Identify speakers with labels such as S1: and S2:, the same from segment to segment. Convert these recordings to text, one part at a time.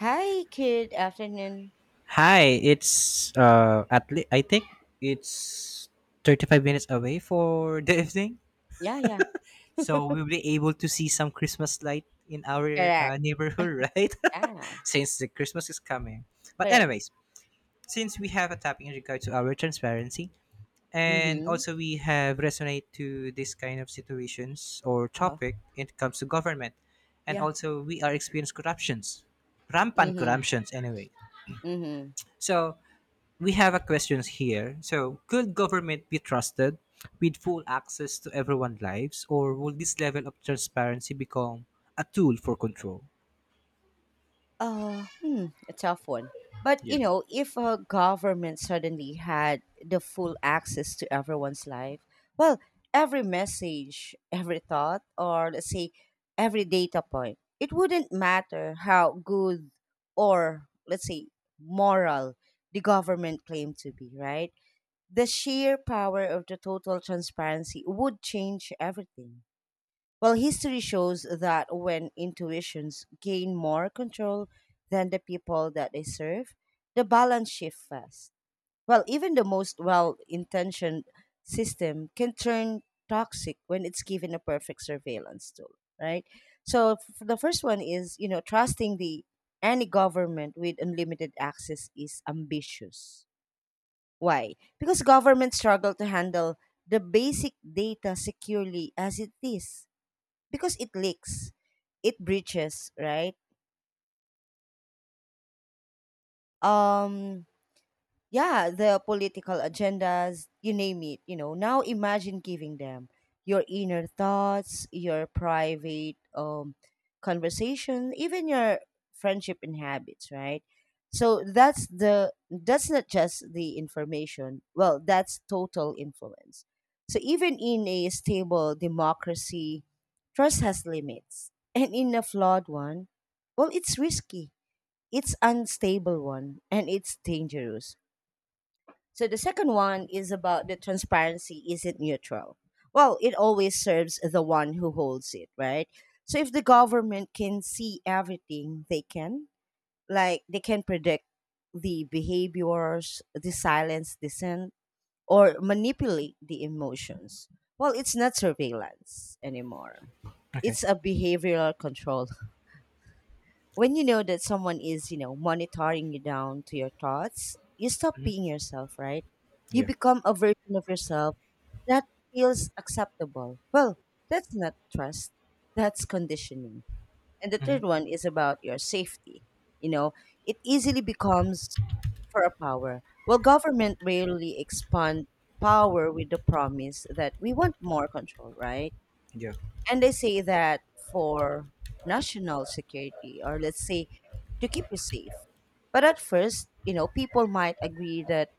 S1: Hi, good afternoon.
S2: Hi, it's I think it's 35 minutes away for the evening.
S1: Yeah, yeah.
S2: So we'll be able to see some Christmas light in our
S1: Correct.
S2: neighborhood, right?
S1: Yeah,
S2: Since the Christmas is coming. But
S1: correct.
S2: anyways, since we have a topic in regard to our transparency, and
S1: Mm-hmm.
S2: also we have resonate to this kind of situations or
S1: Uh-huh.
S2: topic when it comes to government, and
S1: Yeah.
S2: also we are experienced corruptions, rampant
S1: Mm-hmm.
S2: corruptions anyway.
S1: Mm-hmm.
S2: So we have a question here. So could government be trusted with full access to everyone's lives, or will this level of transparency become a tool for control?
S1: Hmm, a tough one. But
S2: Yeah.
S1: you know, if a government suddenly had the full access to everyone's life, well, every message, every thought, or let's say every data point, it wouldn't matter how good or let's say moral the government claimed to be, right? The sheer power of the total transparency would change everything. Well, history shows that when intuitions gain more control than the people that they serve, the balance shifts fast. Well, even the most well intentioned system can turn toxic when it's given a perfect surveillance tool, right? So, the first one is, you know, trusting the any government with unlimited access is ambitious why? Because governments struggle to handle the basic data securely as it is. Because it leaks, it breaches, right? Um yeah, the political agendas, you name it, you know. Now imagine giving them your inner thoughts, your private conversation, even your friendship and habits, right? So that's not just the information. Well, that's total influence. So even in a stable democracy, trust has limits. And in a flawed one, well, it's risky. It's unstable one and it's dangerous so the second one is about the transparency isn't neutral. Well, it always serves the one who holds it, right? So if the government can see everything they can, like they can predict the behaviors, the silence dissent, or manipulate the emotions. Well, it's not surveillance anymore.
S2: Okay.
S1: It's a behavioral control when you know that someone is, you know, monitoring you down to your thoughts, you stop being yourself, right? You
S2: Yeah.
S1: become a version of yourself that feels acceptable. Well, that's not trust, that's conditioning. And the third one is about your safety. You know, it easily becomes for a power. Well, government rarely expand power with the promise that we want more control, right?
S2: Yeah.
S1: And they say that for national security, or let's say to keep you safe. But at first, you know, people might agree that,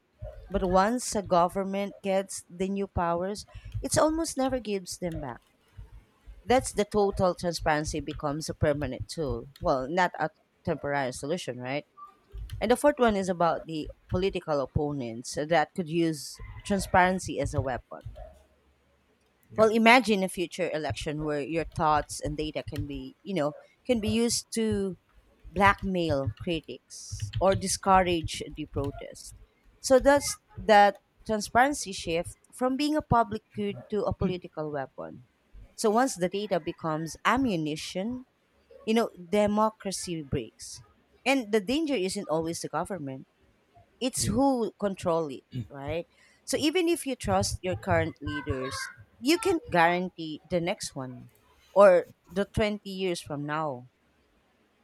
S1: but once a government gets the new powers, it almost never gives them back. That's the total transparency becomes a permanent tool. Well, not a temporary solution, right? And the fourth one is about the political opponents that could use transparency as a weapon
S2: Yeah.
S1: well, imagine a future election where your thoughts and data can be, you know, can be used to blackmail critics or discourage the protest. So that transparency shift from being a public good to a political weapon. So once the data becomes ammunition, you know, democracy breaks. And the danger isn't always the government it's
S2: Yeah.
S1: who control it, right? So even if you trust your current leaders, you can guarantee the next one or the 20 years from now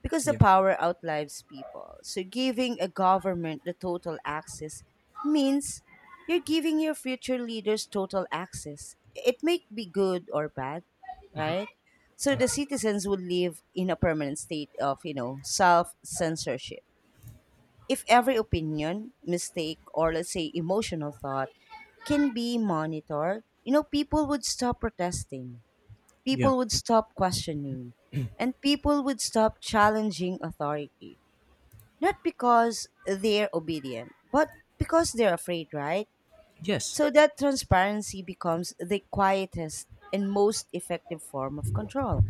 S1: because the
S2: Yeah.
S1: power outlives people. So giving a government the total access means you're giving your future leaders total access. It may be good or bad, right? So
S2: Yeah.
S1: the citizens would live in a permanent state of, you know, self censorship if every opinion, mistake, or let's say emotional thought can be monitored, you know, people would stop protesting,
S2: Yeah.
S1: people would stop questioning, and people would stop challenging authority. Not because they're obedient, but because they're afraid, right?
S2: Yes.
S1: So that transparency becomes the quietest and most effective form of control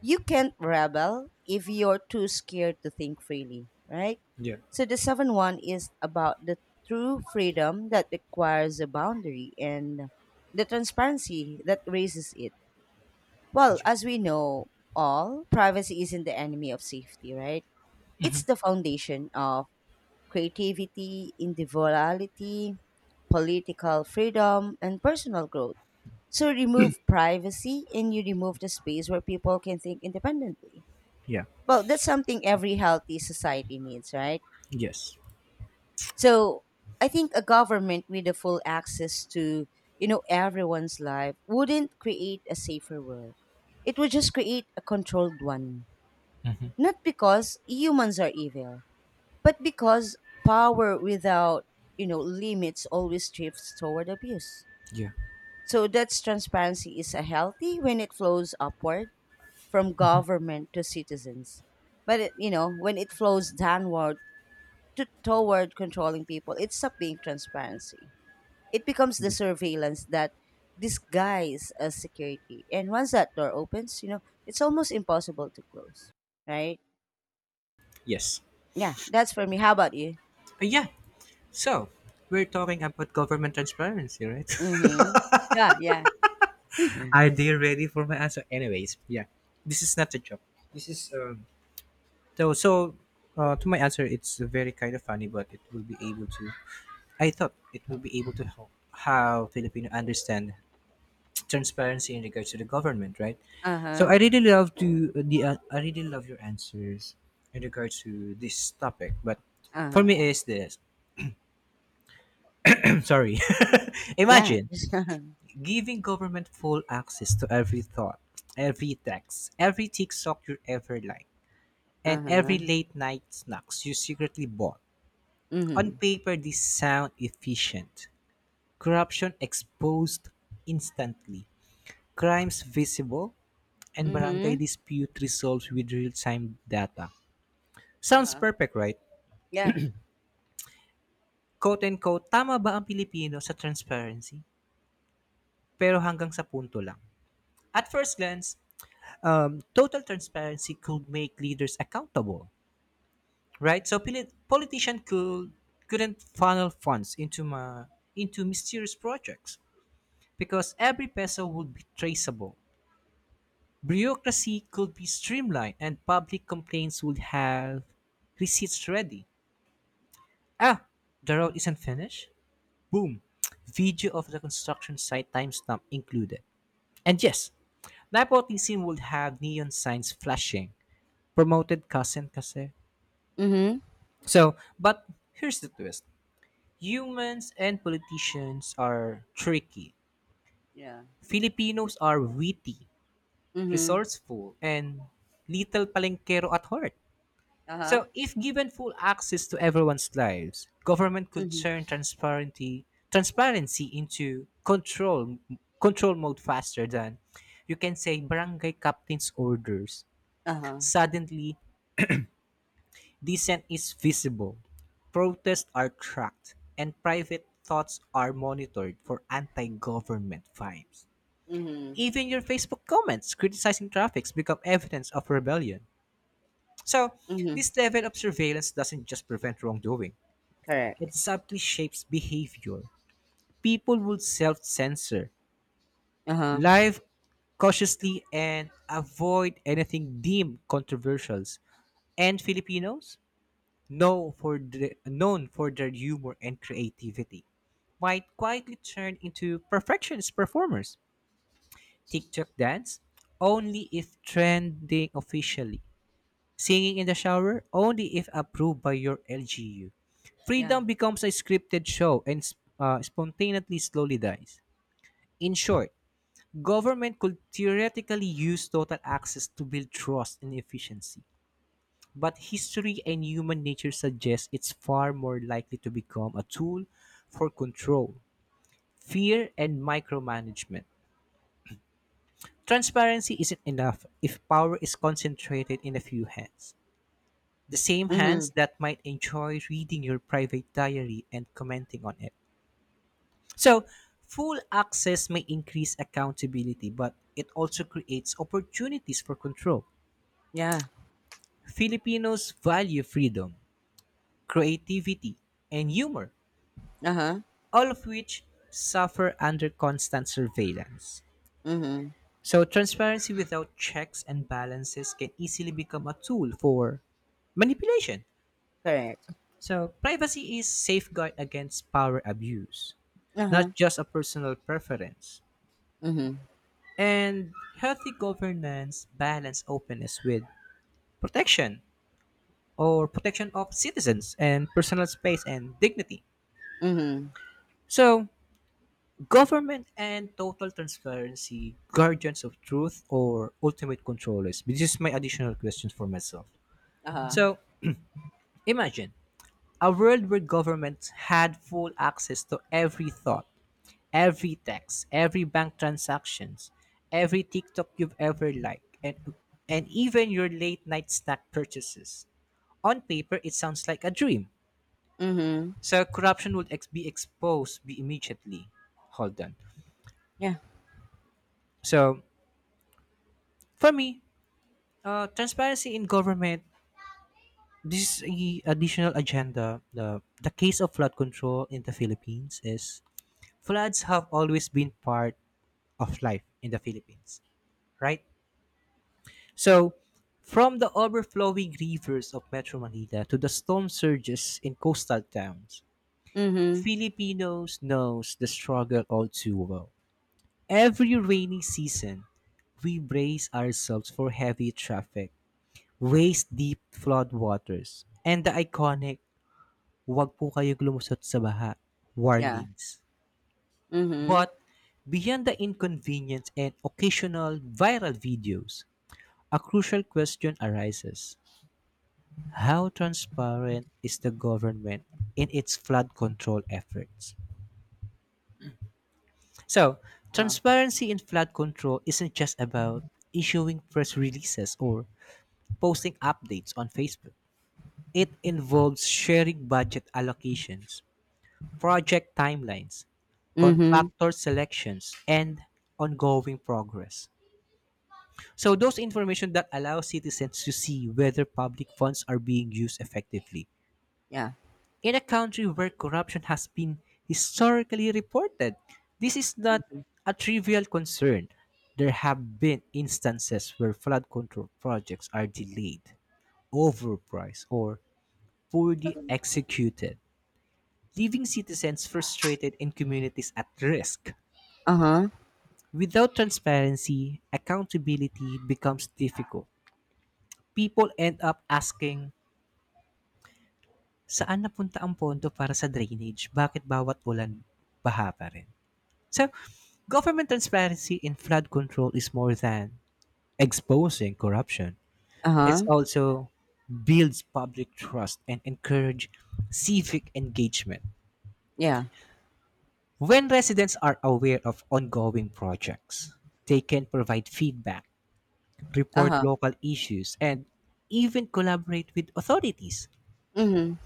S1: you can't rebel if you're too scared to think freely, right? So the seventh one is about the true freedom that requires a boundary and the transparency that raises it. Well, as we know all, privacy isn't the enemy of safety, right? It's the foundation of creativity, individuality, political freedom, and personal growth. So remove privacy and you remove the space where people can think independently
S2: Yeah.
S1: well, that's something every healthy society needs, right?
S2: Yes.
S1: So I think a government with the full access to, you know, everyone's life wouldn't create a safer world. It would just create a controlled one. Not because humans are evil, but because power without, you know, limits always drifts toward abuse.
S2: Yeah,
S1: So that's transparency is a healthy when it flows upward from government to citizens. But it, you know, when it flows downward toward controlling people, it stopped being transparency. It becomes the
S2: yeah.
S1: surveillance that disguise as security. And once that door opens, you know, it's almost impossible to close, right?
S2: Yes.
S1: Yeah, that's for me. How about you?
S2: Yeah. So we're talking about government transparency, right?
S1: Mm-hmm. Yeah, yeah.
S2: Are they ready for my answer? Anyways, yeah. This is not a joke. This is so to my answer, it's very kind of funny, but it will be able to. I thought it will be able to help how Filipino understand transparency in regards to the government, right? So I
S1: Uh-huh.
S2: really love to the I really love your answers in regards to this topic, but for me
S1: Uh-huh.
S2: is this. Sorry.
S1: Yeah.
S2: Imagine giving government full access to every thought, every text, every TikTok you ever like, and every
S1: uh-huh.
S2: late night snacks you secretly bought. On
S1: Mm-hmm.
S2: paper, these sound efficient. Corruption exposed instantly, crimes visible, and barangay
S1: Mm-hmm.
S2: dispute resolved with real-time data. Sounds
S1: Uh-huh.
S2: perfect, right?
S1: Yeah.
S2: Quote and quote, tama ba ang Pilipino sa transparency? Pero hanggang sa punto lang. At first glance, total transparency could make leaders accountable, right? So politician could couldn't funnel funds into into mysterious projects because every peso would be traceable. Bureaucracy could be streamlined and public complaints would have receipts ready. Ah, the road isn't finished? Boom. Video of the construction site timestamp included. And yes, nepotism would have neon signs flashing. Promoted cousin kasi.
S1: Mm-hmm.
S2: But here's the twist. Humans and politicians are tricky.
S1: Yeah.
S2: Filipinos are witty,
S1: Mm-hmm.
S2: resourceful, and little palengkero at heart.
S1: Uh-huh.
S2: So, if given full access to everyone's lives, government could
S1: Mm-hmm.
S2: turn transparency into control mode faster than you can say barangay captain's orders.
S1: Uh-huh.
S2: Suddenly, dissent is visible, protests are tracked, and private thoughts are monitored for anti-government vibes.
S1: Mm-hmm.
S2: Even your Facebook comments criticizing traffics become evidence of rebellion. So,
S1: Mm-hmm.
S2: this level of surveillance doesn't just prevent wrongdoing.
S1: Correct.
S2: It subtly shapes behavior. People will self censor,
S1: Uh-huh.
S2: live cautiously, and avoid anything deemed controversial. And Filipinos, known for their humor and creativity, might quietly turn into perfectionist performers. TikTok dance only if trending officially. Singing in the shower only if approved by your LGU.
S1: Yeah.
S2: Freedom becomes a scripted show and spontaneously slowly dies. In short, government could theoretically use total access to build trust and efficiency, but history and human nature suggest it's far more likely to become a tool for control, fear, and micromanagement. Transparency isn't enough if power is concentrated in a few hands, the same hands
S1: Mm-hmm.
S2: that might enjoy reading your private diary and commenting on it. So, full access may increase accountability, but it also creates opportunities for control.
S1: Yeah.
S2: Filipinos value freedom, creativity, and humor,
S1: Uh-huh,
S2: all of which suffer under constant surveillance.
S1: mhm,
S2: So, transparency without checks and balances can easily become a tool for manipulation.
S1: correct.
S2: So, privacy is safeguard against power abuse,
S1: Uh-huh,
S2: not just a personal preference.
S1: mhm,
S2: And healthy governance balance openness with protection or protection of citizens and personal space and dignity.
S1: mhm,
S2: So, government and total transparency, guardians of truth or ultimate controllers. This is my additional question for myself.
S1: uh-huh,
S2: So, imagine a world where governments had full access to every thought, every text, every bank transactions, every TikTok you've ever liked, and even your late night snack purchases. On paper, it sounds like a dream.
S1: mhm,
S2: So corruption would be exposed be immediately. Hold on.
S1: yeah,
S2: So for me, transparency in government. This is a additional agenda. The case of flood control in the Philippines is, floods have always been part of life in the Philippines, right? So, from the overflowing rivers of Metro Manila to the storm surges in coastal towns,
S1: mhm,
S2: Filipinos knows the struggle all too well. Every rainy season, we brace ourselves for heavy traffic, waist-deep floodwaters, and the iconic "Huwag po kayong lumusot sa baha"
S1: yeah,
S2: warnings.
S1: mhm,
S2: But beyond the inconvenience and occasional viral videos, a crucial question arises. How transparent is the government in its flood control efforts? So,
S1: uh-huh,
S2: transparency in flood control isn't just about issuing press releases or posting updates on Facebook. It involves sharing budget allocations, project timelines,
S1: mhm,
S2: contractor selections, and ongoing progress. So, those information that allow citizens to see whether public funds are being used effectively.
S1: yeah,
S2: In a country where corruption has been historically reported, this is not
S1: mhm,
S2: a trivial concern. There have been instances where flood control projects are delayed, overpriced, or poorly executed, leaving citizens frustrated and communities at risk.
S1: uh-huh,
S2: Without transparency, accountability becomes difficult. People end up asking, saan napunta ang pondo para sa drainage? Bakit bawat ulan baha pa rin? So, government transparency in flood control is more than exposing corruption. It
S1: uh-huh,
S2: also builds public trust and encourage civic engagement.
S1: yeah,
S2: When residents are aware of ongoing projects, they can provide feedback, report
S1: uh-huh,
S2: local issues, and even collaborate with authorities.
S1: mhm,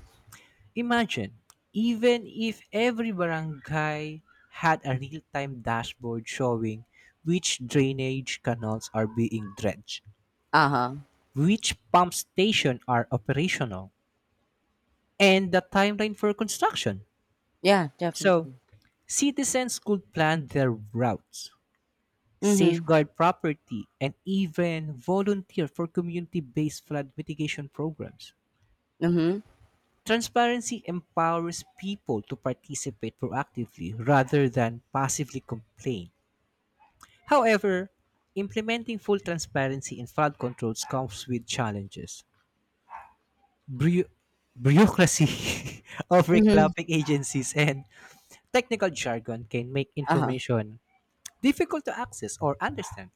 S2: Imagine, even if every barangay had a real time dashboard showing which drainage canals are being dredged,
S1: uh-huh,
S2: which pump stations are operational, and the timeline for construction.
S1: yeah,
S2: So,
S1: definitely.
S2: citizens could plan their routes,
S1: Mhm,
S2: safeguard property, and even volunteer for community based flood mitigation programs.
S1: mhm,
S2: Transparency empowers people to participate proactively rather than passively complain. However, implementing full transparency in fraud controls comes with challenges. Bru- Bureaucracy,
S1: mhm,
S2: overlapping agencies, and technical jargon can make
S1: uh-huh,
S2: information difficult to access or understand.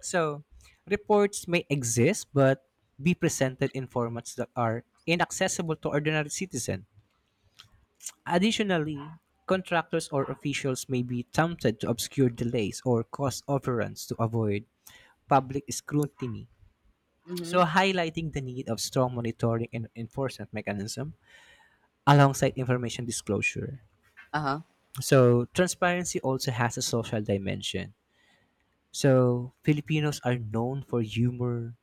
S2: So, reports may exist but be presented in formats that are inaccessible to ordinary citizen. Additionally, contractors or officials may be tempted to obscure delays or cost overruns to avoid public scrutiny.
S1: mhm,
S2: So, highlighting the need of strong monitoring and enforcement mechanism alongside information disclosure.
S1: uh-huh,
S2: So, transparency also has a social dimension. So, Filipinos are known for humor,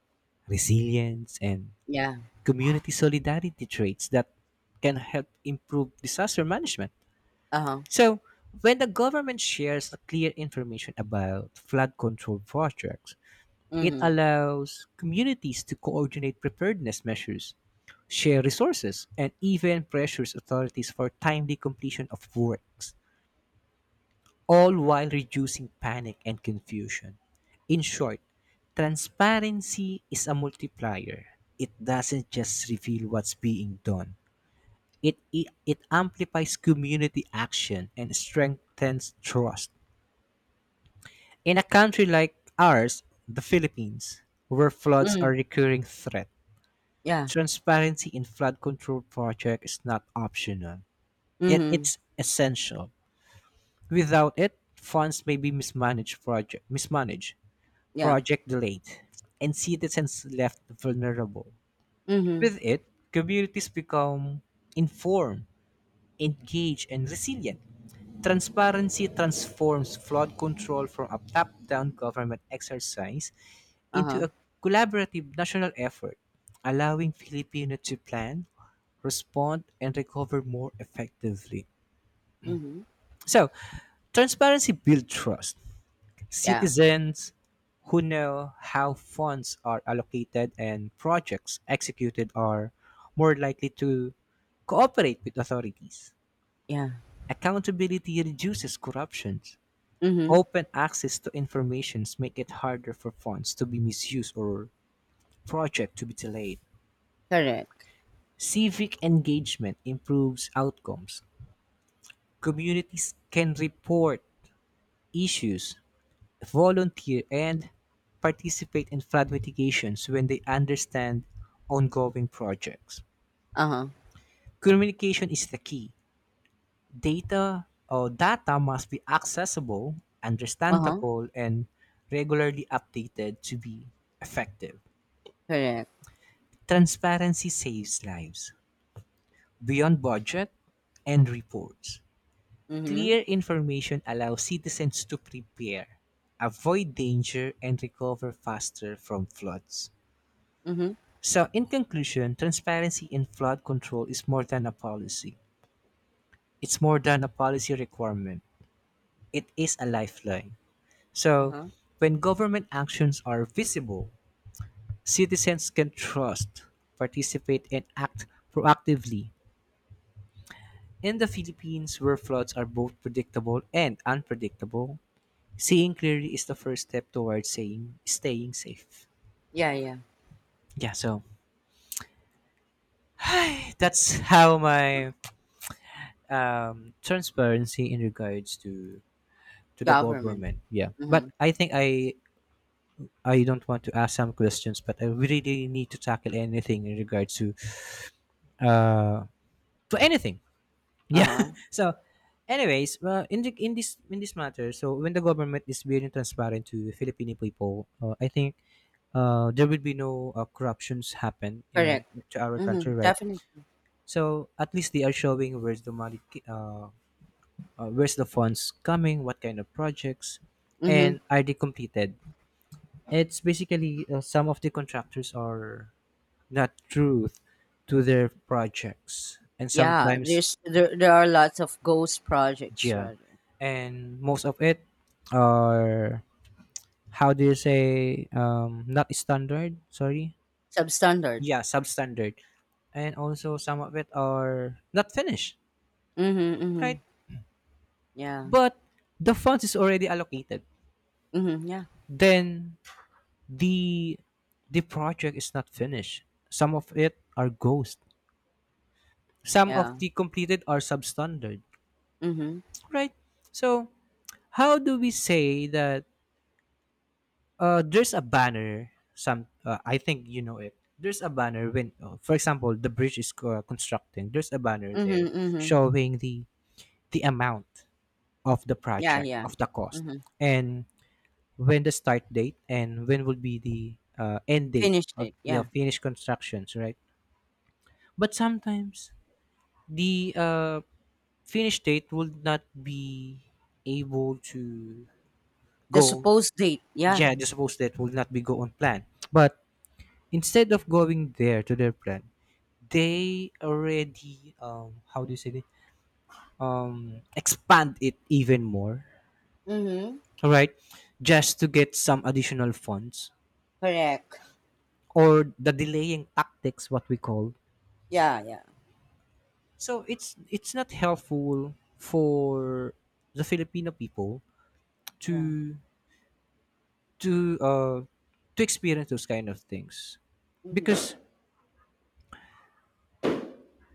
S2: resilience, and
S1: yeah,
S2: community solidarity traits that can help improve disaster management.
S1: uh-huh,
S2: So, when the government shares clear information about flood control projects, it
S1: mhm,
S2: allows communities to coordinate preparedness measures, share resources, and even pressures authorities for timely completion of works, all while reducing panic and confusion. In short, transparency is a multiplier. It doesn't just reveal what's being done. It amplifies community action and strengthens trust. In a country like ours, the Philippines, where floods
S1: mhm,
S2: are a recurring threat,
S1: yeah,
S2: transparency in flood control projects is not optional. It,
S1: mhm,
S2: it's essential. Without it, funds may be mismanaged,
S1: yeah,
S2: project delayed, and citizens left vulnerable.
S1: mhm,
S2: With it, communities become informed, engaged, and resilient. Transparency transforms flood control from a top-down government exercise into
S1: uh-huh,
S2: a collaborative national effort, allowing Filipinos to plan, respond, and recover more effectively.
S1: mhm,
S2: So, transparency builds trust.
S1: yeah,
S2: Citizens who know how funds are allocated and projects executed are more likely to cooperate with authorities.
S1: yeah,
S2: Accountability reduces corruption.
S1: mhm,
S2: Open access to information make it harder for funds to be misused or project to be delayed.
S1: correct.
S2: Civic engagement improves outcomes. Communities can report issues, volunteer, and participate in flood mitigations when they understand ongoing projects.
S1: Uh-huh,
S2: Communication is the key. Data must be accessible,
S1: uh-huh,
S2: understandable, and regularly updated to be effective.
S1: correct.
S2: Transparency saves lives beyond budget and reports.
S1: Mm-hmm.
S2: Clear information allows citizens to prepare, avoid danger, and recover faster from floods.
S1: Mm-hmm.
S2: So, in conclusion, transparency in flood control is more than a policy. It's more than a policy requirement. It is a lifeline. So,
S1: Uh-huh.
S2: when government actions are visible, citizens can trust, participate, and act proactively. In the Philippines, where floods are both predictable and unpredictable, seeing clearly is the first step towards saying staying safe.
S1: Yeah, yeah.
S2: Yeah, so that's how my transparency in regards to the
S1: Government.
S2: government. Yeah, but
S1: Mhm.
S2: I think I don't want to ask some questions, but I really need to tackle anything in regards uh to anything. Yeah.
S1: Uh-huh.
S2: So, anyways, well, in this matter, so when the government is being transparent to Filipino people, I think there will be no corruptions happen in
S1: Correct.
S2: to our
S1: Mhm.
S2: country, right?
S1: Definitely.
S2: So at least they are showing where's the money, where's the funds coming, what kind of projects,
S1: Mhm.
S2: and are they completed? It's basically some of the contractors are not truth to their projects, and
S1: Yeah,
S2: sometimes
S1: there are lots of ghost projects
S2: yeah
S1: rather.
S2: and most of it are how do you say not standard sorry
S1: Substandard.
S2: yeah substandard and also some of it are not finished
S1: Mhm. Mhm.
S2: right
S1: Yeah.
S2: but the funds is already allocated
S1: Mhm. Yeah.
S2: then the the project is not finished some of it are ghost some of
S1: Yeah.
S2: the completed are substandard
S1: Mhm.
S2: right so how do we say that. There's a banner. Some I think you know it. There's a banner when, for example, the bridge is constructing. There's a banner
S1: Mhm.
S2: there
S1: Mhm.
S2: showing the amount of the
S1: Yeah,
S2: project
S1: yeah.
S2: of the cost,
S1: Mhm.
S2: and when the start date and when will be the end date
S1: Finished
S2: of
S1: it.
S2: your
S1: Yeah.
S2: finished constructions, right? But sometimes the finish date will not be able to
S1: The
S2: go.
S1: supposed date. Yeah.
S2: Yeah, the supposed date will not be go on plan, but instead of going there to their plan, they already how do you say it, expand it even more,
S1: Mhm.
S2: right? Just to get some additional funds,
S1: Correct.
S2: or the delaying tactics, what we call.
S1: Yeah, yeah.
S2: So it's not helpful for the filipino people
S1: Yeah.
S2: to to uh to experience those kind of things,
S1: Mhm.
S2: because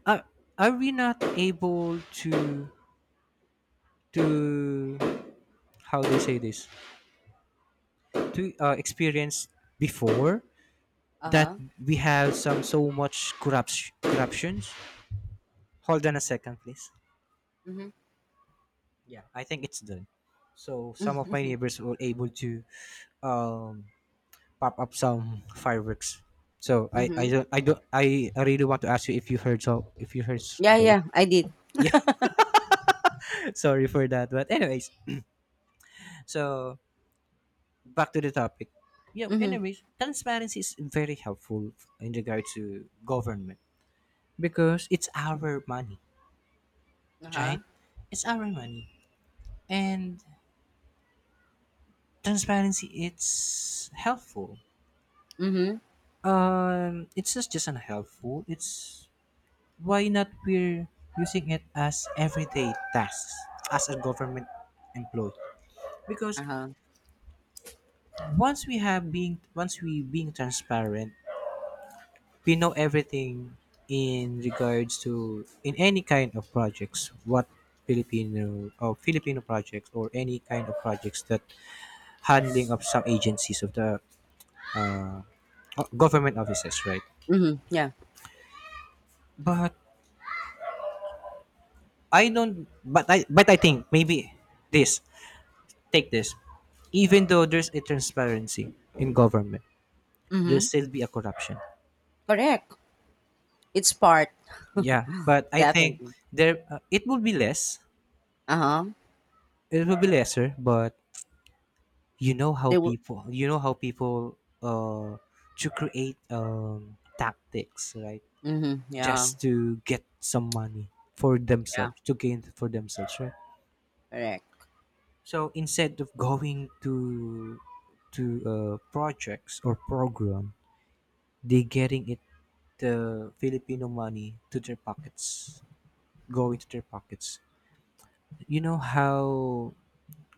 S2: are, are we not able to, how do you say this, to experience before, that
S1: Uh-huh.
S2: we have some so much corruptions. Hold on a second, please.
S1: Mhm.
S2: Yeah, I think it's done. So some of my neighbors were able to, um, pop up some fireworks. So I
S1: Mhm.
S2: don't I don't I really want to ask you if you heard,
S1: Yeah,
S2: those.
S1: yeah. I did.
S2: Yeah, sorry for that, but anyways, so back to the topic. Yeah,
S1: Mhm.
S2: anyways, transparency is very helpful in regard to government, because it's our money,
S1: Uh-huh.
S2: right? It's our money. And transparency, it's helpful.
S1: Mhm.
S2: It's not just unhelpful, it's why not we're using it as everyday tasks as a government employee. Because
S1: Uh-huh.
S2: once we being transparent, we know everything in regards to, in any kind of projects, what Filipino or Filipino projects or any kind of projects that handling of some agencies of the uh, government offices, right?
S1: Mhm. Yeah.
S2: But I don't. But I. But I think maybe this. Take this. Even though there's a transparency in government, there
S1: Mhm.
S2: still be a corruption.
S1: Correct. It's part
S2: Yeah, but I think
S1: definitely.
S2: there it will be less.
S1: Uh huh.
S2: It will be lesser, but you know how
S1: They will.
S2: people. You know how people. To create tactics, right?
S1: Mm-hmm. Yeah.
S2: Just to get some money for
S1: Yeah.
S2: themselves, to gain for themselves, right?
S1: Correct.
S2: So instead of going to projects or program, they getting it, the Filipino money to their pockets, going to their pockets. You know how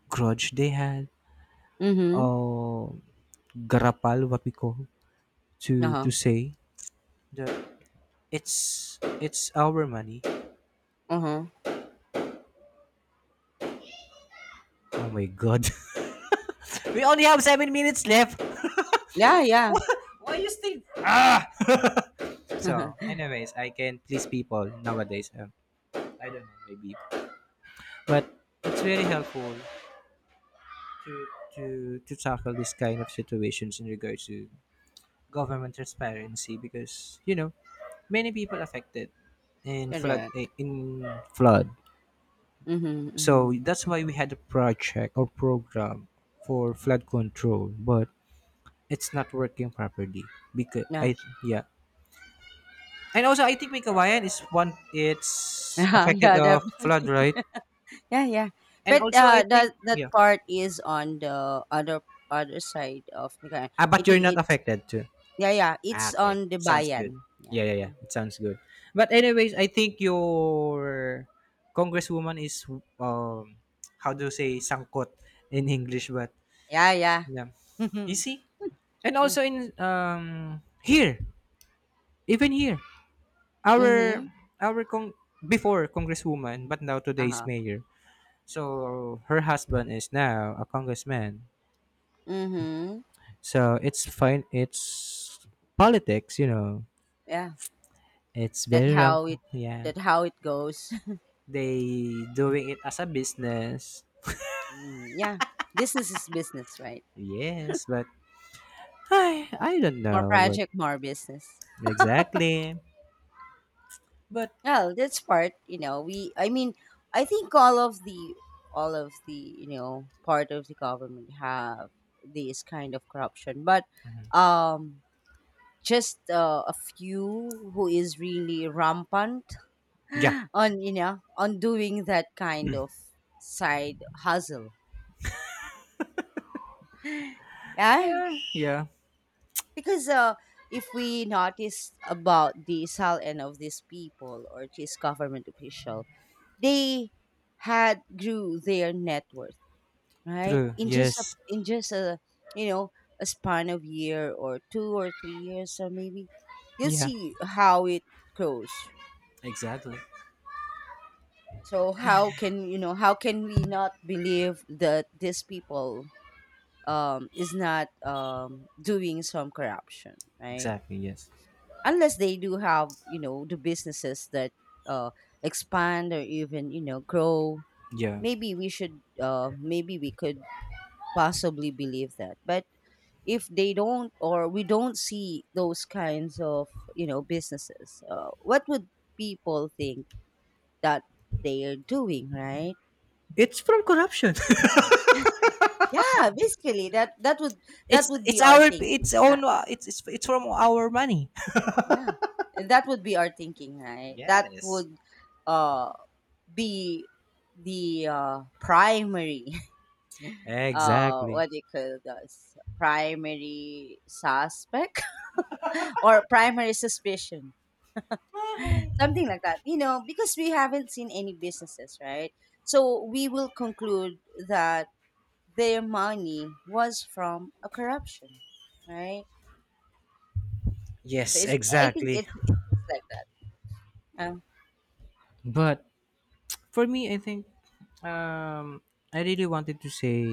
S2: grudge they had,
S1: Mm-hmm.
S2: or garapal, what we call,
S1: Uh
S2: to
S1: huh.
S2: say that it's our money.
S1: Uh huh.
S2: Oh my god, we only have seven minutes left.
S1: Yeah. Yeah.
S2: Why you still ah? So, anyways, I can please people nowadays. I don't know, maybe. But it's very helpful to to to tackle this kind of situations in regards to government transparency, because you know many people affected in
S1: correct.
S2: flood.
S1: Mm-hmm. Mm-hmm.
S2: So that's why we had a project or program for flood control, but it's not working properly because
S1: Yeah.
S2: I, yeah. And also I think Mikawayan is one, it's
S1: yeah.
S2: affected
S1: Yeah.
S2: the flood,
S1: Definitely.
S2: right?
S1: yeah. Yeah.
S2: And
S1: But
S2: also I think
S1: that that
S2: yeah.
S1: part is on the other side of the guy.
S2: Ah,
S1: I
S2: but you're
S1: think
S2: not
S1: it's
S2: affected too.
S1: yeah. Yeah.
S2: Ah,
S1: It's
S2: okay.
S1: on the
S2: Sounds good.
S1: bayan. Yeah.
S2: Yeah, yeah, yeah.
S1: Yeah.
S2: It sounds good. But anyways, I think your congresswoman is um how do you say sangkot in English, but
S1: Yeah. Yeah.
S2: yeah. You see? And
S1: yeah.
S2: also in here, even here, our
S1: Mm-hmm.
S2: our con before congresswoman, but now
S1: Uh
S2: today's
S1: huh.
S2: mayor. So her husband is now a congressman.
S1: Mm-hmm.
S2: So it's fine. It's politics, you know.
S1: Yeah.
S2: It's
S1: That
S2: very
S1: how it
S2: yeah.
S1: that how it goes.
S2: They doing it as a business.
S1: Mm, yeah. Business is business, right?
S2: Yes, but I don't
S1: More
S2: know, but
S1: project, more business.
S2: exactly. But
S1: Well, that's part, you know, we I mean, I think all of the, you know, part of the government have this kind of corruption, but um just a few who is really rampant
S2: yeah.
S1: on you know on doing that kind of side hustle yeah
S2: Eh, yeah.
S1: because if we notice about the and of these people or these government official, they had grew their net worth right
S2: True. Yes.
S1: in just a you know a span of year or 2 or 3 years or maybe you'll
S2: Yeah.
S1: see how it grows.
S2: Exactly.
S1: So how can we not believe that these people is not doing some corruption right
S2: Exactly. Yes.
S1: unless they do have you know the businesses that uh expand or even you know grow
S2: Yeah.
S1: maybe we should maybe we could possibly believe that but if they don't or we don't see those kinds of you know businesses what would people think that they are doing right
S2: It's from corruption.
S1: yeah basically that that
S2: It's
S1: would
S2: it's
S1: be our
S2: our
S1: thinking
S2: it's
S1: that,
S2: own it's from our money.
S1: yeah that would be our thinking right that
S2: Yes.
S1: would uh be the primary
S2: Exactly.
S1: what do you call this primary suspect or primary suspicion something like that you know because we haven't seen any businesses right so we will conclude that their money was from a corruption right so
S2: Yes,
S1: it's i think
S2: exactly.
S1: it's, it's just like that
S2: But for me, I think um I really wanted to say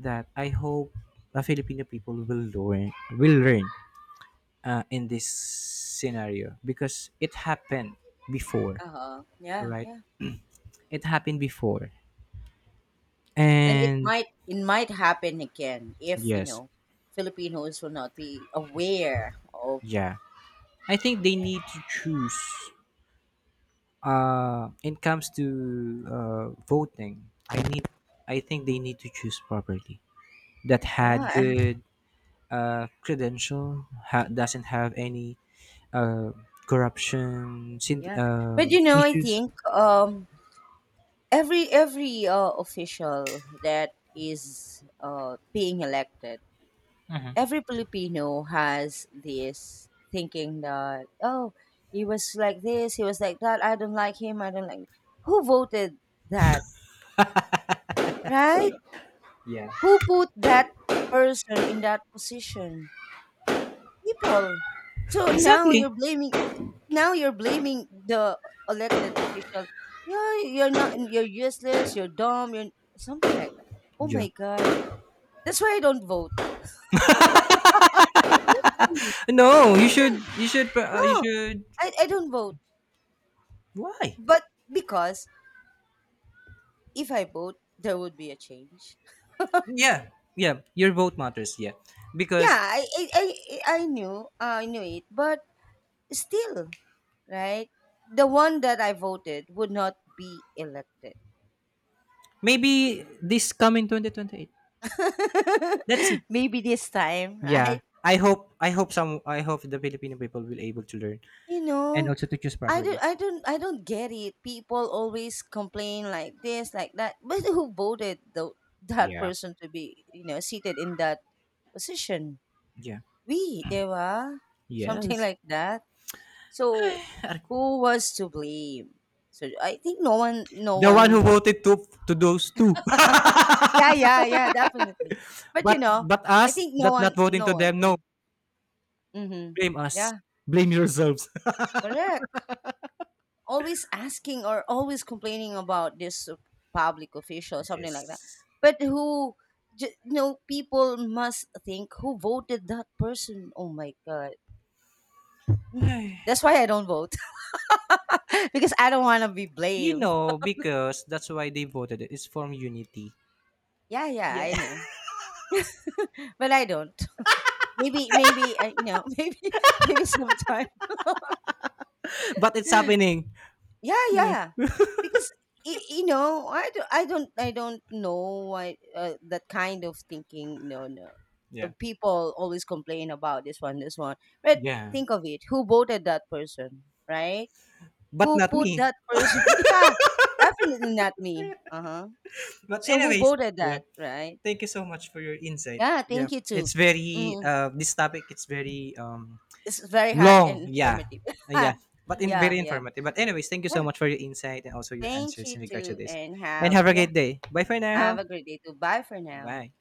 S2: that I hope the Filipino people will learn in this scenario, because it happened before,
S1: uh-huh yeah
S2: right?
S1: yeah
S2: It happened before,
S1: and it
S2: and
S1: might happen again if you
S2: yes,
S1: know Filipinos will not be aware of
S2: yeah. I think they need to choose. It comes to voting. I need. I think they need to choose properly. That had
S1: yeah
S2: good credential, doesn't have any uh, corruption syn-
S1: yeah but
S2: um,
S1: you know I
S2: issues.
S1: think every official that is being elected every Filipino has this thinking that oh he was like this he was like that I don't like who voted that right
S2: Yeah.
S1: who put that person in that position people. So
S2: Exactly.
S1: now you're blaming the elected official. Yeah, you're not you're useless, you're dumb, you're something like that. Oh
S2: Yeah.
S1: my god. That's why I don't vote.
S2: No, you
S1: Yeah.
S2: should. You should. You
S1: No,
S2: should.
S1: I don't vote.
S2: Why?
S1: But because if I vote, there would be a change.
S2: Yeah. Yeah. Your vote matters. Yeah.
S1: Yeah,
S2: Because
S1: I knew it, but still, right? The one that I voted would not be elected.
S2: maybe this coming 2028. Let's see.
S1: Maybe this time,
S2: Yeah.
S1: right?
S2: I hope. I hope some. I hope the Filipino people will able to learn
S1: You
S2: and
S1: know,
S2: also to choose properly.
S1: I don't get it. People always complain like this, like that. But who voted the that
S2: Yeah.
S1: person to be, you know, seated in that position?
S2: Yeah.
S1: We, they were something
S2: Yes.
S1: like that. So who was to blame? So I think no
S2: The one who
S1: one
S2: voted to those two,
S1: Yeah, yeah, yeah, definitely. But you know,
S2: but
S1: I
S2: us
S1: think
S2: that not voting to
S1: no one,
S2: them.
S1: yeah.
S2: No,
S1: Mhm.
S2: blame us.
S1: Yeah,
S2: Blame yourselves.
S1: correct. Always asking or always complaining about this public official something like that
S2: Yes.
S1: but who people must think who voted that person oh my god Mm. That's why I don't vote because I don't want to be
S2: You
S1: blamed
S2: know, because that's why they voted it. It's from unity.
S1: yeah yeah
S2: Yeah.
S1: I know but I don't maybe maybe you know maybe sometime
S2: But it's happening.
S1: Yeah,
S2: Yeah.
S1: yeah. Because you know, I don't know why that kind of thinking. No, no.
S2: Yeah.
S1: People always complain about this one, this one. But
S2: Yeah.
S1: think of it: who voted that person, right?
S2: But
S1: Who
S2: not
S1: put
S2: me.
S1: that person? yeah, definitely not me. Uh huh.
S2: But
S1: So who
S2: anyways,
S1: voted
S2: yeah.
S1: that, right?
S2: Thank you so much for your insight.
S1: Yeah,
S2: Yeah.
S1: thank you too.
S2: It's very
S1: Mm,
S2: this topic it's very
S1: this is very hot and
S2: long. Yeah.
S1: informative.
S2: Yeah. But in
S1: yeah,
S2: very
S1: yeah,
S2: informative. But anyways, thank you so
S1: yeah.
S2: much for your insight and also your
S1: Thank
S2: answers
S1: you
S2: in regard to
S1: too,
S2: this.
S1: and
S2: And
S1: have
S2: have a
S1: yeah,
S2: great day. Bye for
S1: have
S2: now.
S1: a great day too. Bye for now.
S2: Bye.